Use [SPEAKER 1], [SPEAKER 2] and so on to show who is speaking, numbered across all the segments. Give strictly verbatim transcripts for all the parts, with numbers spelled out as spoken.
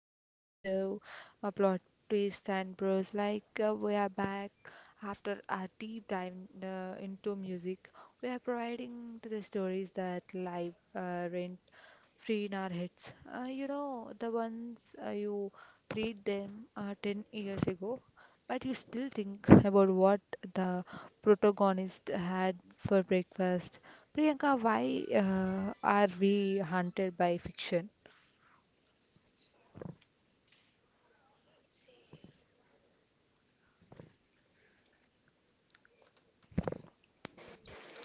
[SPEAKER 1] back to my show, A Plot Twist and Bros. Like, uh, we are back after our deep dive uh, into music. We are providing to the stories that live uh, rent free in our heads. Uh, you know, the ones uh, you read them uh, ten years ago, but you still think about what the protagonist had for breakfast. Priyanka, why uh, are we haunted by fiction?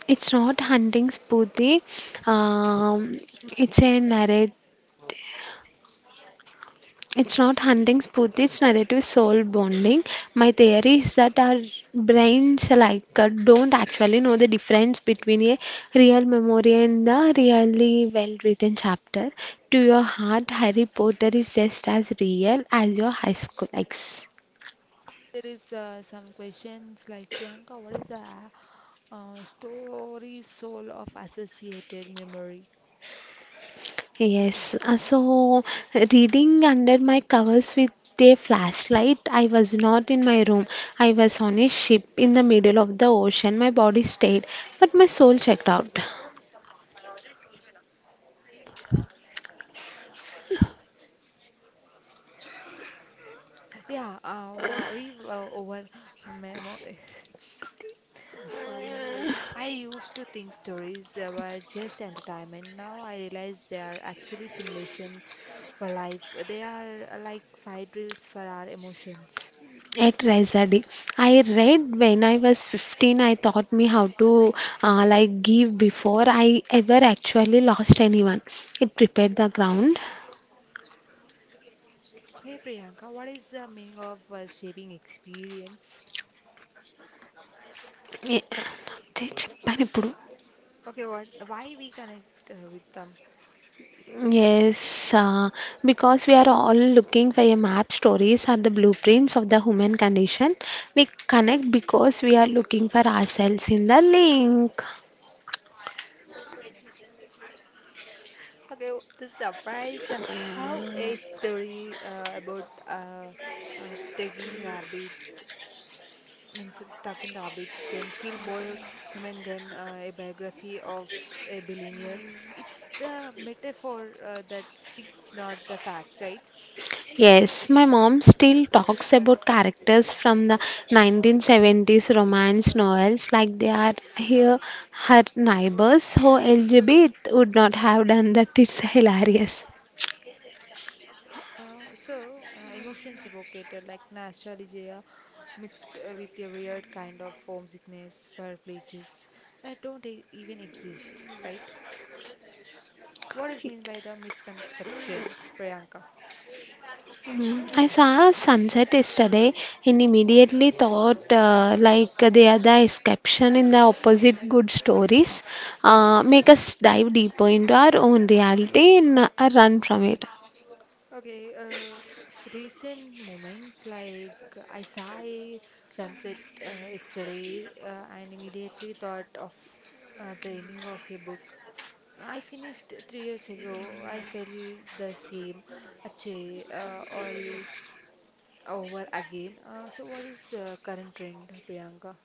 [SPEAKER 2] It's not hunting Spooty. Um, it's a narrative. It's not hunting Spooty. It's narrative soul bonding. My theory is that our brains like uh, don't actually know the difference between a real memory and the really well-written chapter. To your heart, Harry Potter is just as real as your high school ex.
[SPEAKER 1] There is uh, some questions like Priyanka, what is the uh, story soul of associated memory?
[SPEAKER 2] Yes, uh, so reading under my covers with a flashlight, I was not in my room. I was on a ship in the middle of the ocean. My body stayed, but my soul checked out.
[SPEAKER 1] Yeah, uh, we uh, over memory. It's okay. Uh, memory. I used to think stories uh, were just entertainment. Now I realize they are actually simulations for life. They are uh, like fire drills for our emotions.
[SPEAKER 2] At Rezadi, I read when I was fifteen. I taught me how to uh, like give before I ever actually lost anyone. It prepared the ground.
[SPEAKER 1] Hey Priyanka, what is the meaning of uh, shaping experience?
[SPEAKER 2] ఏ- నా గురించి చెప్పాను ఇప్పుడు.
[SPEAKER 1] Okay, what why we connect uh, with them?
[SPEAKER 2] Yes, uh, because we are all looking for a map, stories are the blueprints of the human condition. We connect because we are looking for ourselves in the link.
[SPEAKER 1] Okay, w- the surprise uh, how a story uh, about uh, uh, taking rabbit means talking rabbit can feel more human than uh, a biography of a billionaire. It's the metaphor uh, that sticks, not the facts, right?
[SPEAKER 2] Yes, my mom still talks about characters from the nineteen seventies romance novels like they are here her neighbors. So Elizabeth would not have done that. It's hilarious.
[SPEAKER 1] Uh, so, uh, emotions evocated like nostalgia mixed uh, with a weird kind of homesickness for places that don't e- even exist, right? What is meant by the misconception, Priyanka?
[SPEAKER 2] Mm. I saw a sunset yesterday and immediately thought uh, like they are the exception in the opposite good stories uh, make us dive deeper into our own reality and uh, run from it.
[SPEAKER 1] Okay, uh, recent moments like uh, I saw a sunset uh, yesterday uh, and immediately thought of uh, the ending of a book I finished three years ago. I felt the same. Achay, uh, all over again. Uh, so, what is the current trend, Priyanka?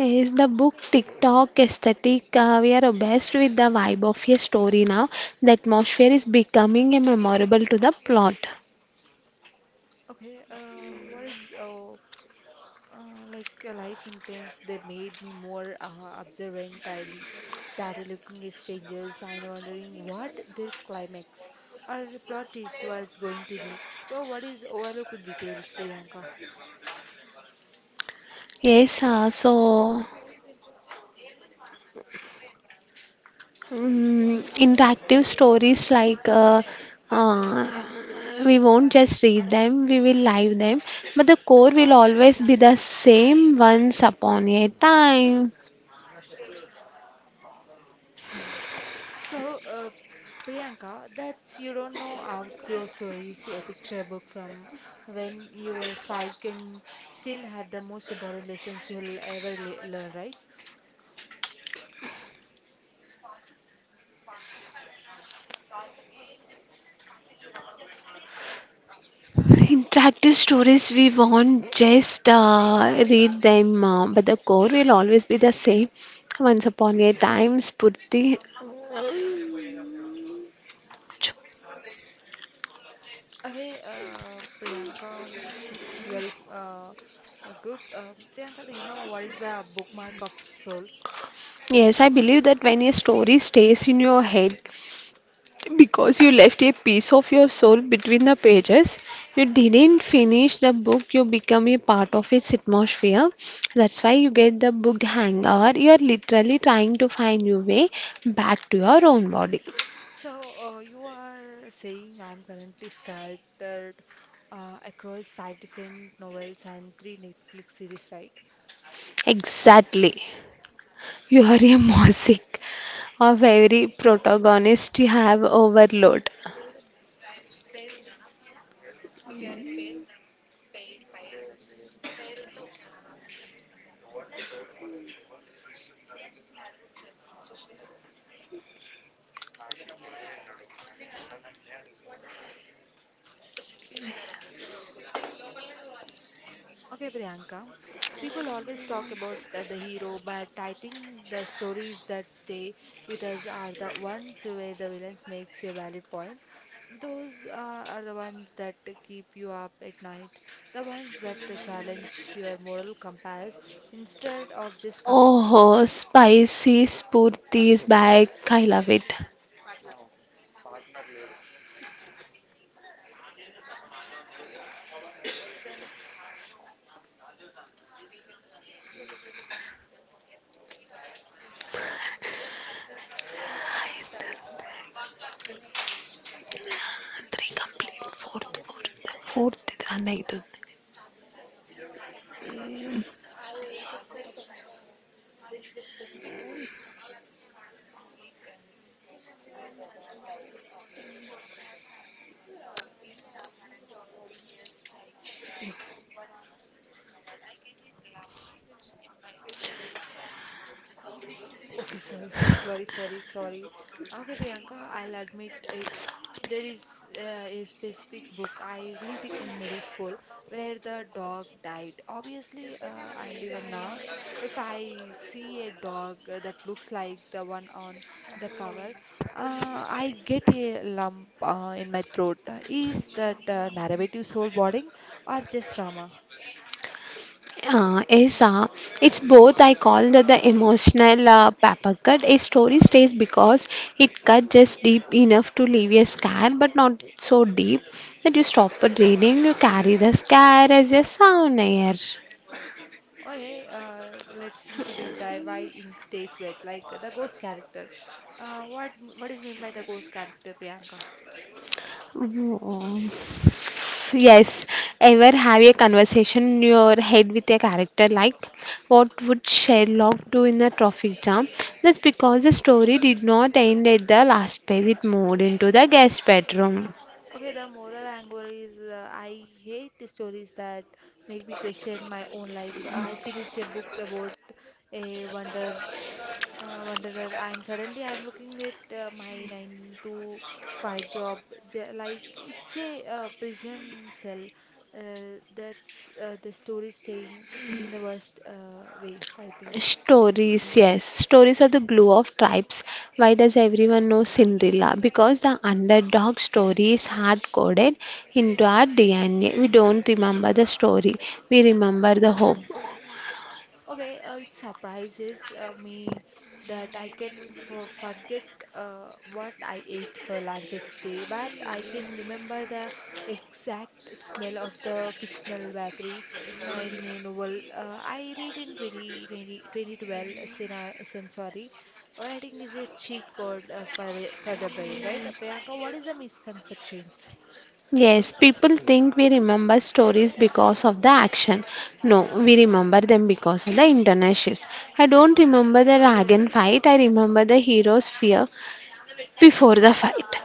[SPEAKER 2] Is the book TikTok aesthetic? Uh, we are obsessed with the vibe of a story now. The atmosphere is becoming a memorable to the plot.
[SPEAKER 1] Okay, uh, what is uh, uh, like a life intense? They made me more uh, observant. I started looking at strangers and wondering what their climax or plot twist was going to be. So, what is overlooked details, Priyanka?
[SPEAKER 2] Yes, uh, so Mm, interactive stories like uh, uh, we won't just read them, we will live them, but the core will always be the same once upon a time.
[SPEAKER 1] So, uh, Priyanka, that's you don't know outgrow stories, a picture book from when you were five can still have the most important lessons you'll ever le learn, right?
[SPEAKER 2] Interactive stories we won't just uh, read them, uh, but the core will always be the same once upon a time. Spurti.
[SPEAKER 1] Okay, uh, Priyanka, mm, it's very uh, uh, good. Uh, Priyanka, do you know what is the bookmark of soul?
[SPEAKER 2] Yes, I believe that when a story stays in your head, because you left a piece of your soul between the pages, you didn't finish the book, you become a part of its atmosphere. That's why you get the book hangover. You are literally trying to find your way back to your own body.
[SPEAKER 1] So, uh, you are saying I'm currently scattered uh, across five different novels and three Netflix series, right?
[SPEAKER 2] Exactly. You are a mosaic of every protagonist you have overload.
[SPEAKER 1] Okay, Priyanka. People always talk about uh, the hero, but I think the stories that stay with us are the ones where the villains makes a valid point. Those uh, are the ones that keep you up at night, the ones that uh, challenge your moral compass instead of just.
[SPEAKER 2] Oh, spicy Spurti is back. I love it. Three complete, fourth, fourth, fourth. Run like.
[SPEAKER 1] Okay, sorry, sorry, sorry, sorry, sorry. Okay, Priyanka, I'll admit it. There is uh, a specific book I read in middle school where the dog died. Obviously, uh, and even now, if I see a dog that looks like the one on the cover, uh, I get a lump uh, in my throat. Is that uh, narrative soul boarding or just trauma?
[SPEAKER 2] Uh, is uh, It's both. I call the, the emotional uh, paper cut. A story stays because it cut just deep enough to leave a scar, but not so deep that you stop at reading. You carry the scar as a souvenir.
[SPEAKER 1] Okay, uh, let's into deep dive. Why ink stays wet? Like the ghost character. Uh, what what is meant by the ghost character, Priyanka?
[SPEAKER 2] Oh, yes, ever have a conversation in your head with a character like what would Sherlock do in a traffic jam? That's because the story did not end at the last page, it moved into the guest bedroom.
[SPEAKER 1] Okay, the moral angle is uh, I hate the stories that make me question my own life. I finished a book about a wonder uh, wanderer and suddenly I am looking at uh, my nine to five job j- like it's a uh, prison cell. Uh, that's uh, the story staying in the worst uh, way I think.
[SPEAKER 2] Stories, yes. Stories are the glue of tribes. Why does everyone know Cinderella? Because the underdog story is hard coded into our D N A. We don't remember the story, we remember the hope.
[SPEAKER 1] Okay, uh, it surprises uh, me that I can for forget uh, what I ate for lunch yesterday, but I can remember the exact smell of the fictional bakery uh, in a novel uh, I read in twenty twenty, twenty twelve, uh, Sena- Sensory. Writing is a cheat code uh, for the, for the brain, right? Uh, Priyanka, what is the misconceptions?
[SPEAKER 2] Yes, people think we remember stories because of the action. No, we remember them because of the internet shift. I don't remember the dragon fight, I remember the hero's fear before the fight.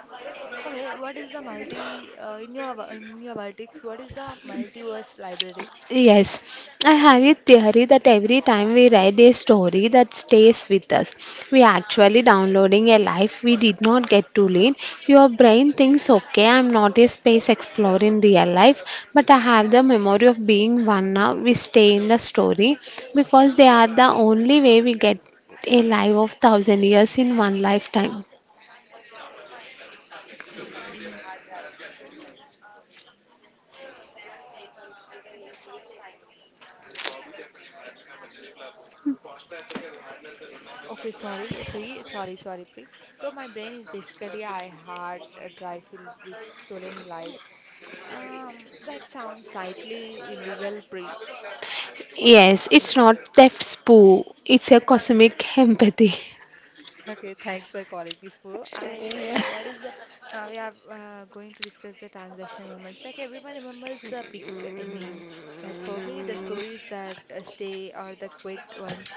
[SPEAKER 1] Okay, what is the multi uh, in your in your vertex? What is the multiverse library?
[SPEAKER 2] Yes, I have a theory that every time we write a story that stays with us, we are actually downloading a life we did not get to lead. Your brain thinks, okay, I'm not a space explorer in real life, but I have the memory of being one now. We stay in the story because they are the only way we get a life of thousand years in one lifetime.
[SPEAKER 1] Okay, sorry, Pri. Sorry, sorry, Pri. So my brain is basically I had a dry filled with stolen lives. Um, that sounds slightly illegal, Pri.
[SPEAKER 2] Yes, it's not theft spoo, it's a cosmic empathy.
[SPEAKER 1] Okay, thanks for calling me, Spuru. I what is the, uh, we are uh, going to discuss the transaction moments. Like everyone remembers the big ending, but for me, the stories that uh, stay are the quiet ones.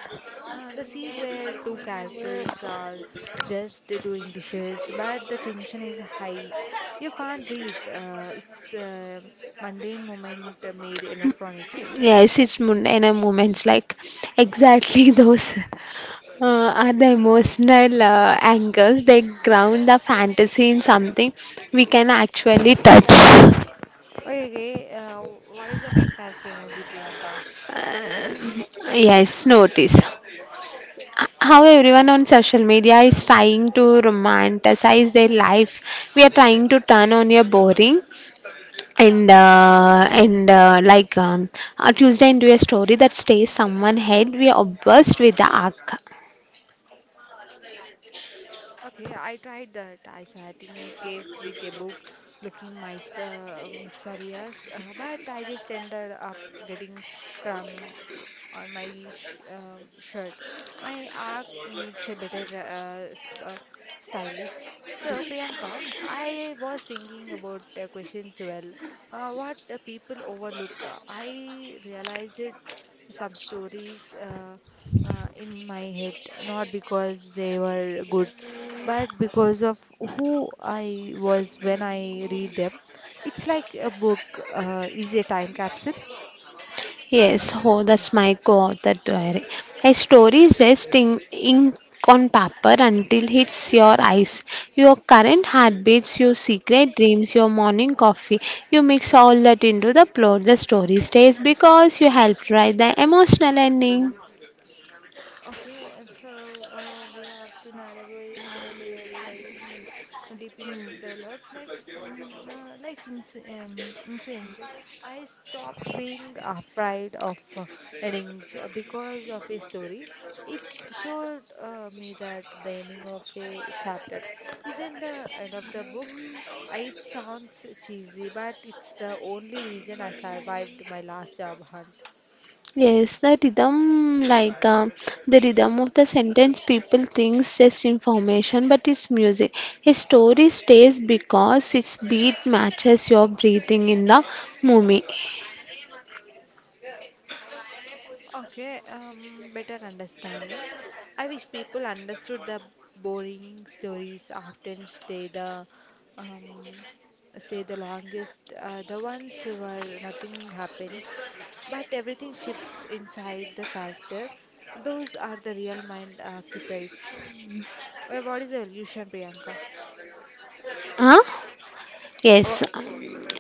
[SPEAKER 1] Uh, the scene where two characters are just doing dishes, but the tension is high. You can't breathe. Uh, it's a mundane moment uh, made electronic.
[SPEAKER 2] Yes, it's Mundana moments like exactly those uh, are the emotional uh, anchors. They ground the fantasy in something we can actually touch.
[SPEAKER 1] Okay, okay. Uh, what is the main character energy, Priyanka?
[SPEAKER 2] Yes, notice how everyone on social media is trying to romanticize their life. We are trying to turn on your boring and uh, and uh, like um, uh, Tuesday into a story that stays someone head. We are obsessed with the arc.
[SPEAKER 1] Okay, I tried that. I sat in a cave with a book looking myst- uh, mysterious, uh, but I just ended up getting cramps on my sh- uh, shirt. My arc needs a better uh, s- uh, stylist. So, Priyanka, I was thinking about uh, question twelve. Uh, what uh, people overlook. Uh, I realized it, some stories uh, uh, in my head, not because they were good but because of who I was when I read them, it's like a book uh, is a time capsule.
[SPEAKER 2] Yes, oh, that's my co-author diary. A story is just in ink on paper until hits your eyes, your current heartbeats, your secret dreams, your morning coffee. You mix all that into the plot. The story stays because you helped write the emotional ending.
[SPEAKER 1] Okay, and so uh, we have to narrate uh, layers like uh, deeping dialogues, like mm, uh, life in, um, influence. Like I stopped being afraid of uh, endings uh, because of a story. It showed uh, me that the ending of a chapter isn't the end of the book. I- It sounds cheesy, but it's the only reason I survived my last job hunt.
[SPEAKER 2] Yes, the rhythm, like uh, the rhythm of the sentence, people think just information, but it's music. A story stays because its beat matches your breathing in the movie.
[SPEAKER 1] Okay, um, better understanding. I wish people understood the boring stories often stay the um, say the longest, uh, the ones where nothing happens, but everything shifts inside the character. Those are the real mind occupies. Uh, what is the illusion, Priyanka?
[SPEAKER 2] Huh? Yes,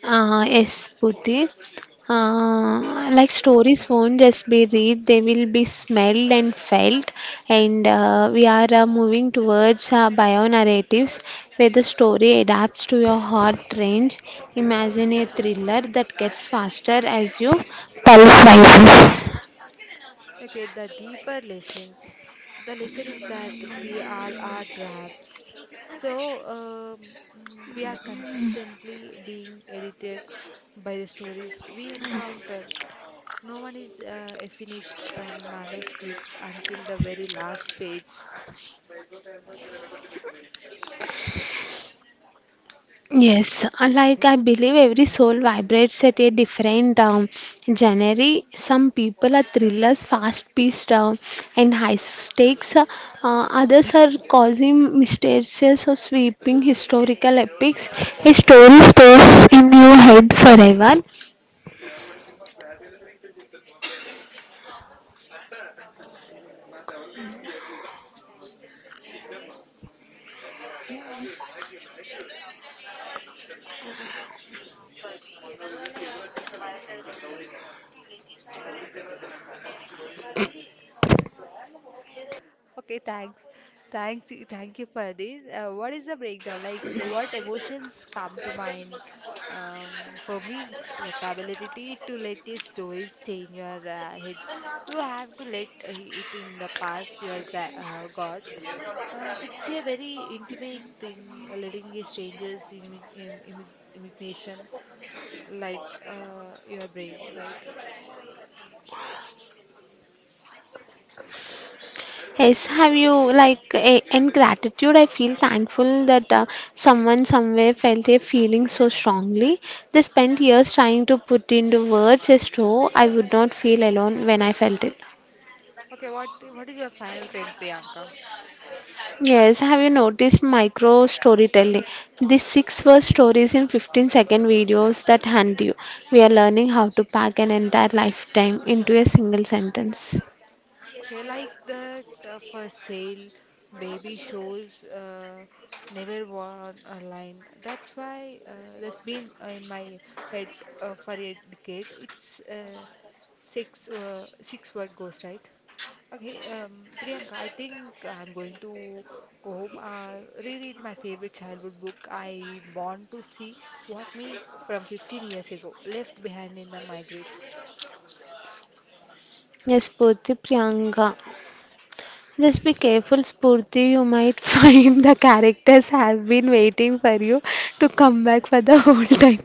[SPEAKER 2] uh, yes, Purti. Uh, like stories won't just be read, they will be smelled and felt. And uh, we are uh, moving towards uh, bio narratives where the story adapts to your heart range. Imagine a thriller that gets faster as you.
[SPEAKER 1] Okay, the deeper lessons. The lesson is that we all are drafts. So um, mm, we are consistently being edited by the stories we encounter. No one is uh, a finished uh, manuscript until the very last page.
[SPEAKER 2] Yes, uh, like I believe every soul vibrates at a different um, genre. Some people are thrillers, fast-paced, uh, and high stakes. Uh, others are causing mysterious or sweeping historical epics. A story stays in your head forever.
[SPEAKER 1] Okay, thanks. Thanks, thank you for this. Uh, what is the breakdown? Like, what emotions come to mind? Um, for me, it's vocabulary to let these stories stay in your uh, head. You have to let uh, it in the past. Your are gra- uh, got. Uh, it's a very intimate thing, uh, letting a stranger's immi im- immi- imagination live uh, your brain, right?
[SPEAKER 2] Yes, have you like a- in gratitude? I feel thankful that uh, someone somewhere felt a feeling so strongly. They spent years trying to put into words just so I would not feel alone when I felt it.
[SPEAKER 1] Okay, what what is your final trend, Priyanka?
[SPEAKER 2] Yes, have you noticed micro storytelling? These six word stories in fifteen second videos that hunt you. We are learning how to pack an entire lifetime into a single sentence.
[SPEAKER 1] Okay, like that uh, for sale, baby shows uh, never worn a line. That's why uh, that's been uh, in my head uh, for a decade. It's uh, six uh, six word ghost, right? Okay, um, Priyanka, I think I'm going to go home, uh, reread my favorite childhood book. I want to see what me from fifteen years ago left behind in the migrate.
[SPEAKER 2] Yes, Purti Priyanka. Just be careful, Spurti. You might find the characters have been waiting for you to come back for the whole time.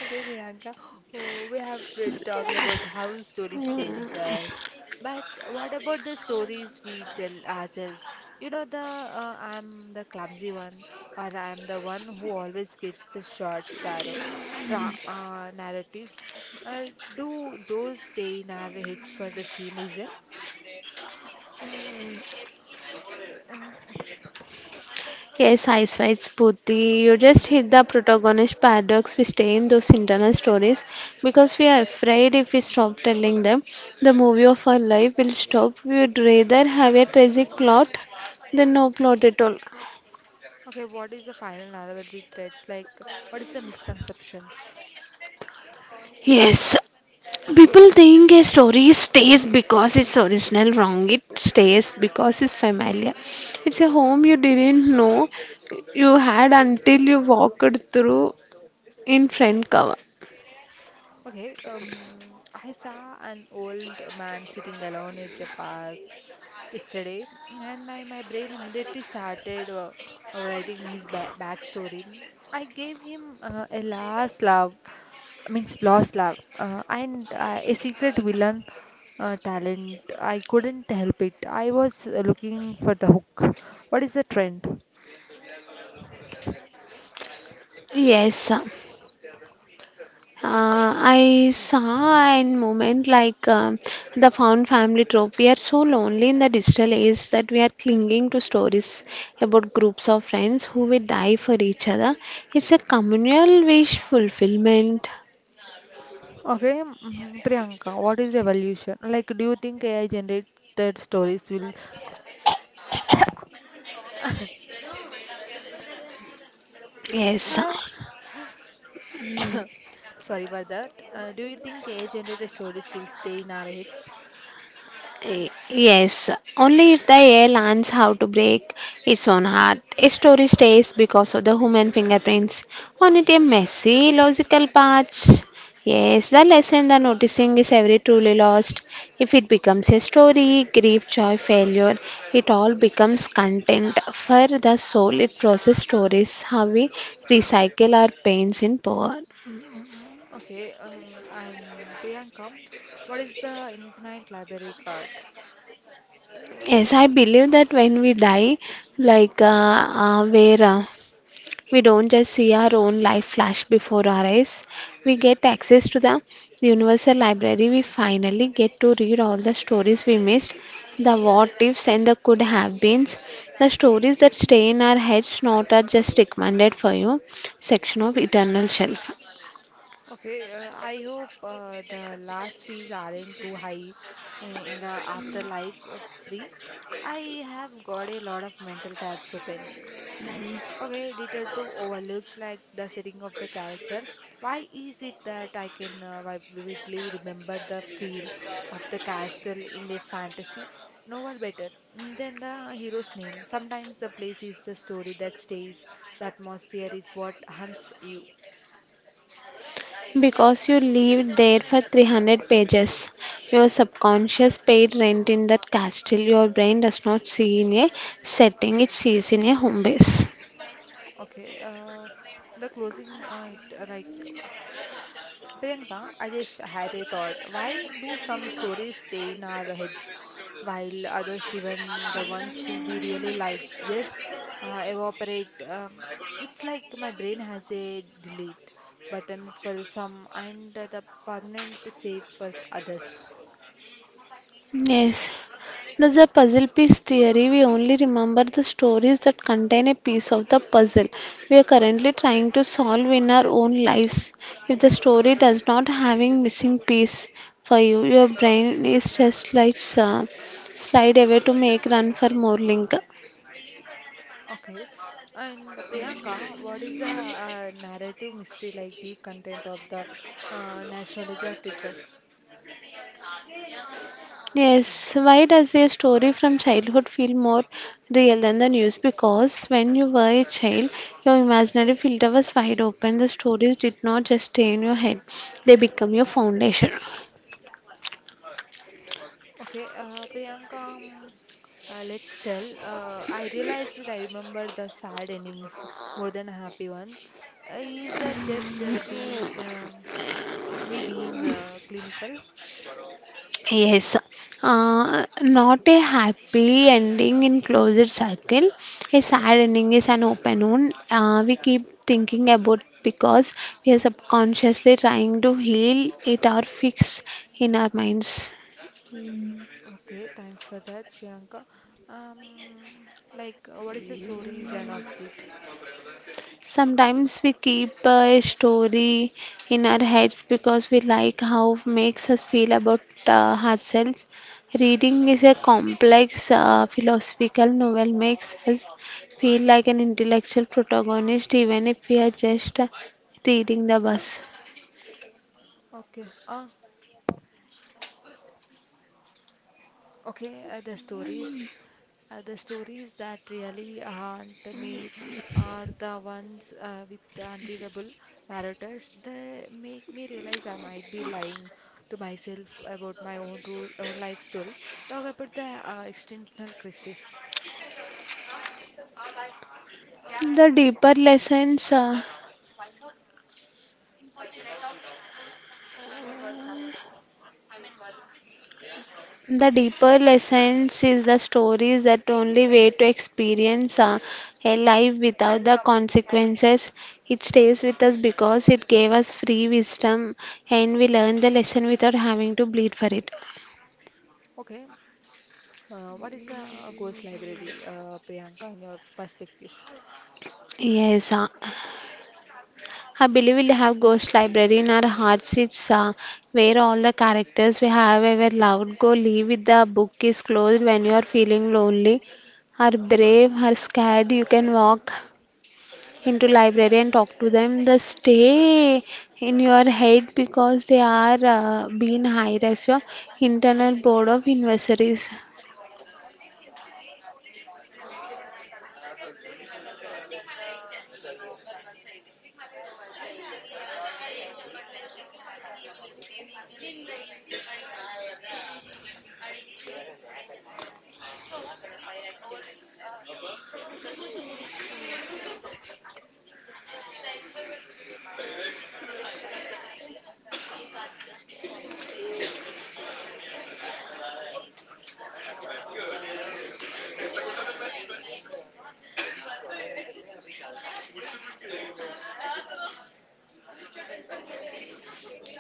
[SPEAKER 1] Okay, Priyanka, oh, we have uh, talked about how stories change us, but what about the stories we tell ourselves? You know, the uh, I'm the clumsy one, or I'm the one who always gets the short straw, stra uh, narratives. Uh, do those stay in our heads for the same reason?
[SPEAKER 2] Yes, I swear, Spurti. You just hit the protagonist paradox. We stay in those internal stories because we are afraid if we stop telling them, the movie of our life will stop. We would rather have a tragic plot than no plot at all.
[SPEAKER 1] Okay, what is the final narrative threads? Like, what is the misconceptions?
[SPEAKER 2] Yes, people think a story stays because it's original, wrong. It stays because it's familiar. It's a home you didn't know you had until you walked through in front cover.
[SPEAKER 1] Okay, um, I saw an old man sitting alone at a park yesterday, and I, my brain immediately started uh, uh, writing his ba- backstory. I gave him uh, a last love, means lost love, uh, and uh, a secret villain uh, talent. I couldn't help it. I was uh, looking for the hook. What is the trend?
[SPEAKER 2] Yes, uh, I saw a moment like um, the found family trope. We are so lonely in the digital age that we are clinging to stories about groups of friends who will die for each other. It's a communal wish fulfillment.
[SPEAKER 1] Okay, mhm, Priyanka, what is the evolution? Like, do you think A I generated stories will.
[SPEAKER 2] Yes.
[SPEAKER 1] Huh? Sorry for that. Uh, do you think A I generated stories will stay in our heads?
[SPEAKER 2] Y- Yes, only if the air learns how to break its own heart. A story stays because of the human fingerprints on it, a messy, logical parts. Yes, the lesson the noticing is every truly lost. If it becomes a story, grief, joy, failure, it all becomes content for the soul. It process stories how we recycle our pains in power.
[SPEAKER 1] Okay, um, and Priyanka, what is the infinite library card?
[SPEAKER 2] Yes, I believe that when we die, like uh, uh, where uh, we don't just see our own life flash before our eyes. We get access to the universal library. We finally get to read all the stories we missed, the what ifs and the could have beens. The stories that stay in our heads, not are just recommended for you section of eternal shelf.
[SPEAKER 1] Okay, uh, I hope uh, the last fees aren't too high uh, in the afterlife, uh, pre. I have got a lot of mental tabs open. Okay, detail two overlooks like the setting of the character. Why is it that I can uh, vi- vividly remember the feel of the castle in a fantasy novel better mm, than the hero's name? Sometimes the place is the story that stays, the atmosphere is what hunts you.
[SPEAKER 2] Because you lived there for three hundred pages, your subconscious paid rent in that castle. Your brain does not see in a setting, it sees in a home base.
[SPEAKER 1] Okay, uh, the closing uh, it uh, like Priyanka, I just had a thought. Why do some stories stay in our heads while others, even the ones who we really like, just uh, evaporate? Um, it's like my brain has a delete button for some and the permanent save for others.
[SPEAKER 2] Yes, that's a puzzle piece theory. We only remember the stories that contain a piece of the puzzle we are currently trying to solve in our own lives. If the story does not having missing piece for you, your brain is just like uh, slide away to make run for more link.
[SPEAKER 1] Okay. And Priyanka, what is the uh, narrative mystery like deep content of the uh, nostalgia trigger?
[SPEAKER 2] Yes, why does a story from childhood feel more real than the news? Because when you were a child, your imaginary filter was wide open. The stories did not just stay in your head, they become your foundation.
[SPEAKER 1] Okay, uh, Priyanka, um, uh, let's tell. Uh, I realized that I remember the sad endings more than happy ones. Uh, is that just uh, be um, me being uh, clinical?
[SPEAKER 2] Yes, uh, not a happy ending in closed circle. A sad ending is an open wound. Uh, we keep thinking about because we are subconsciously trying to heal it or fix in our minds.
[SPEAKER 1] Okay, thanks for that, Priyanka. Um, like, uh, what is the stories and outfit?
[SPEAKER 2] Sometimes we keep a story in our heads because we like how it makes us feel about uh, ourselves. Reading is a complex uh, philosophical novel makes us feel like an intellectual protagonist even if we are just uh, reading the bus.
[SPEAKER 1] Okay, Ah. okay, uh, the stories. Uh, the stories that really haunt me are the ones uh, with the unreadable narrators. They make me realize I might be lying to myself about my own, rule, own life story. Talk about the uh, extensional crisis.
[SPEAKER 2] The deeper lessons uh, The deeper lessons is the story is that only way to experience uh, a life without the consequences. It stays with us because it gave us free wisdom and we learn the lesson without having to bleed for it.
[SPEAKER 1] Okay, uh, what is a ghost library, uh, Priyanka, in your perspective?
[SPEAKER 2] Yes, uh, I believe we'll have Ghost Library in our hearts. It's uh, Where all the characters we have ever loved go live with the book is closed. When you are feeling lonely, are brave, are scared, you can walk into library and talk to them. The stay in your head because they are uh, being hired as your internal board of investors.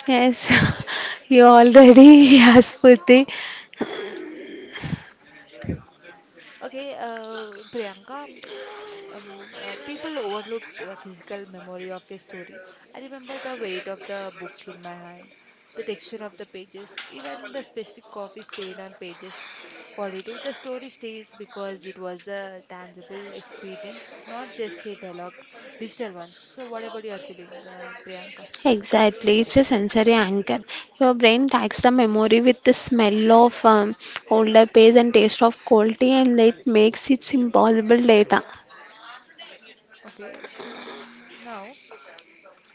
[SPEAKER 2] Yes. You already yes, Purti.
[SPEAKER 1] Okay, uh, Priyanka, um, uh, people overlook the physical memory of a story. I remember the weight of the book in my hand, the texture of the pages, even the specific coffee stain on pages forty-two. The story stays because it was a tangible experience, not just a dialogue, digital ones. So, what about your feeling, uh, Priyanka?
[SPEAKER 2] Exactly, it's a sensory anchor. Your brain tags the memory with the smell of um, older page and taste of cold tea, and that makes it impossible later.
[SPEAKER 1] Okay, mm, now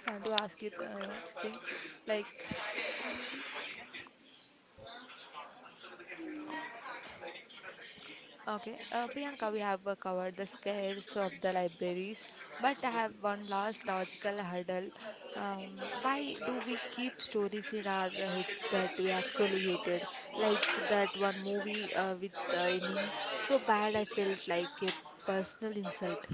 [SPEAKER 1] I want to ask you a thing like Okay, uh, Priyanka, we have uh, covered the scares of the libraries, but I have one last logical hurdle. Um, why do we keep stories in our heads that we actually hated? Like that one movie uh, with the ending so bad I felt like a personal insult.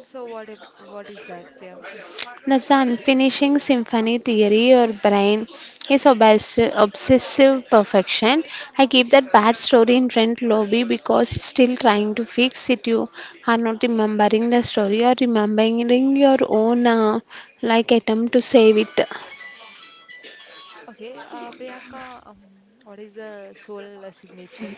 [SPEAKER 1] So what ab- what is that, Priyanka?
[SPEAKER 2] That's the unfinishing symphony theory. Your brain is obs- obsessive perfection. I keep that bad story in rent lobby because it's still trying to fix it. You are not remembering the story or remembering your own uh, like attempt to save it.
[SPEAKER 1] Okay, uh, Priyanka, um, what is the soul signature?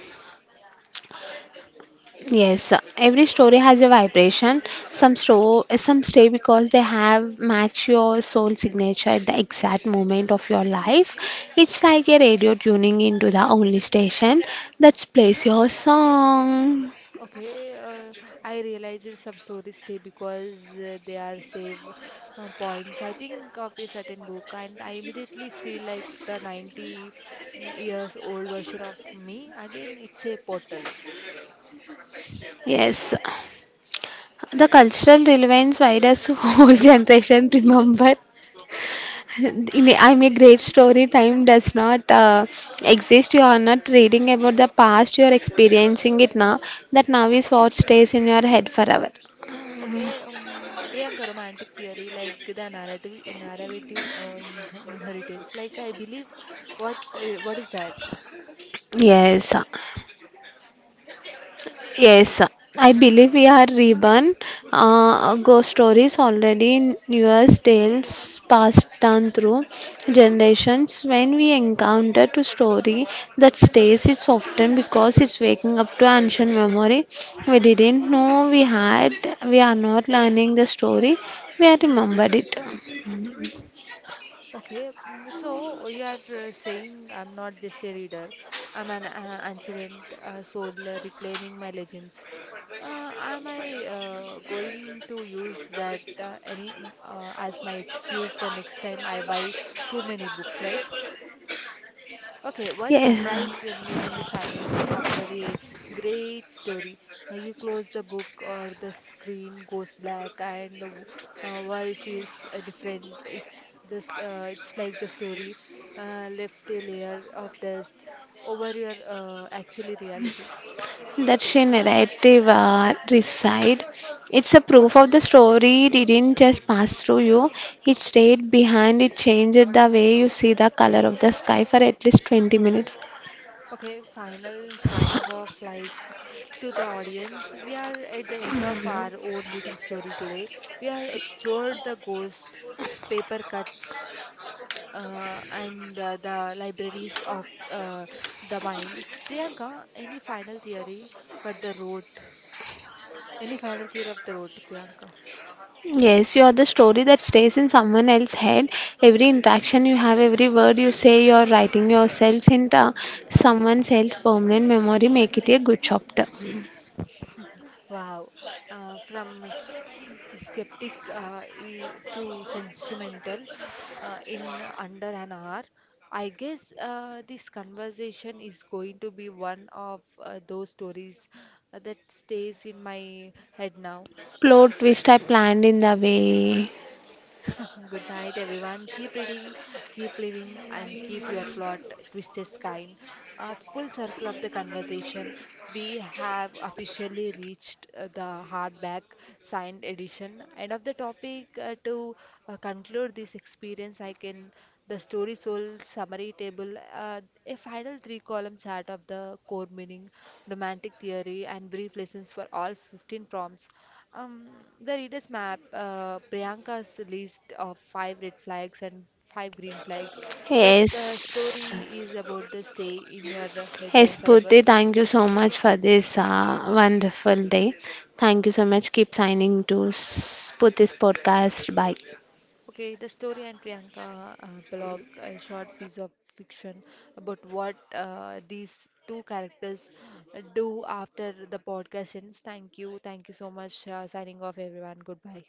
[SPEAKER 2] Yes, every story has a vibration. Some store, some stay because they have match your soul signature at the exact moment of your life. It's like a radio tuning into the only station that plays your song.
[SPEAKER 1] Okay, uh, I realize that some stories stay because uh, they are save uh, points. I think of a certain book and I immediately feel like the ninety years old version of me. Again, it's a portal.
[SPEAKER 2] Yes, the cultural relevance, why does whole generation remember? In a, I'm a great story. Time does not uh, exist. You are not reading about the past. You are experiencing it now. That now is what stays in your head forever.
[SPEAKER 1] Okay, um, Priyanka, romantic theory, like the narrative, narrative uh, in- inheritance. Like I believe, what uh, what is that?
[SPEAKER 2] Yes. Yes, I believe we are reborn. Uh, ghost stories already in news tales passed down through generations. When we encounter a story that stays, it's often because it's waking up to ancient memory. We didn't know we had. We are not learning the story. We are remembered it.
[SPEAKER 1] Okay, mm, so you are uh, saying I'm not just a reader, I'm an uh, ancient uh, soul uh, reclaiming my legends. Uh, am I uh, going to use that uh, any um, uh, as my excuse the next time I buy too many books, right? Okay, what
[SPEAKER 2] Yes,
[SPEAKER 1] surprised me in the silence after a great story? Uh, You close the book or the screen goes black and the w- uh, world feels uh, different. It's this. Uh, it's like the story uh, left a layer of dust over your uh, actually reality.
[SPEAKER 2] that she narrative uh, reside. It's a proof of the story didn't just pass through you, it stayed behind, it changed the way you see the color of the sky for at least twenty minutes.
[SPEAKER 1] Okay, final signing off like to the audience. We are at the end of our own little story today. We are explored the ghost, paper cuts, uh, and uh, the libraries of uh, the mind. Priyanka, any final theory for the road? Any final theory of the road, Priyanka?
[SPEAKER 2] Yes, you are the story that stays in someone else's head. Every interaction you have, every word you say, you are writing yourselves into someone else's permanent memory. Make it a good chapter.
[SPEAKER 1] Wow. Uh, from s- skeptic uh, e- to sentimental uh, in under an hour. I guess uh, this conversation is going to be one of uh, those stories uh, that stays in my head now.
[SPEAKER 2] Plot twist I planned in the way.
[SPEAKER 1] Good night, everyone. Keep reading, keep living, and keep your plot twisted kind. A full circle of the conversation. We have officially reached uh, the hardback signed edition. End of the topic. uh, to uh, conclude this experience, I can the story soul summary table, uh, a final three column chart of the core meaning, romantic theory, and brief lessons for all fifteen prompts. Um, the reader's map, uh, Priyanka's list of five red flags and five green flags. That uh,
[SPEAKER 2] Yes.
[SPEAKER 1] story is about the stay in your head
[SPEAKER 2] Hey
[SPEAKER 1] and forever.
[SPEAKER 2] Spooty, thank you so much for this uh, wonderful day. Thank you so much. Keep signing to Spooty's podcast. Bye.
[SPEAKER 1] Okay, the story and Priyanka uh, blog, a short piece of fiction about what uh, these two characters uh, do after the podcast ends. Thank you. Thank you so much. Uh, signing off, everyone. Goodbye.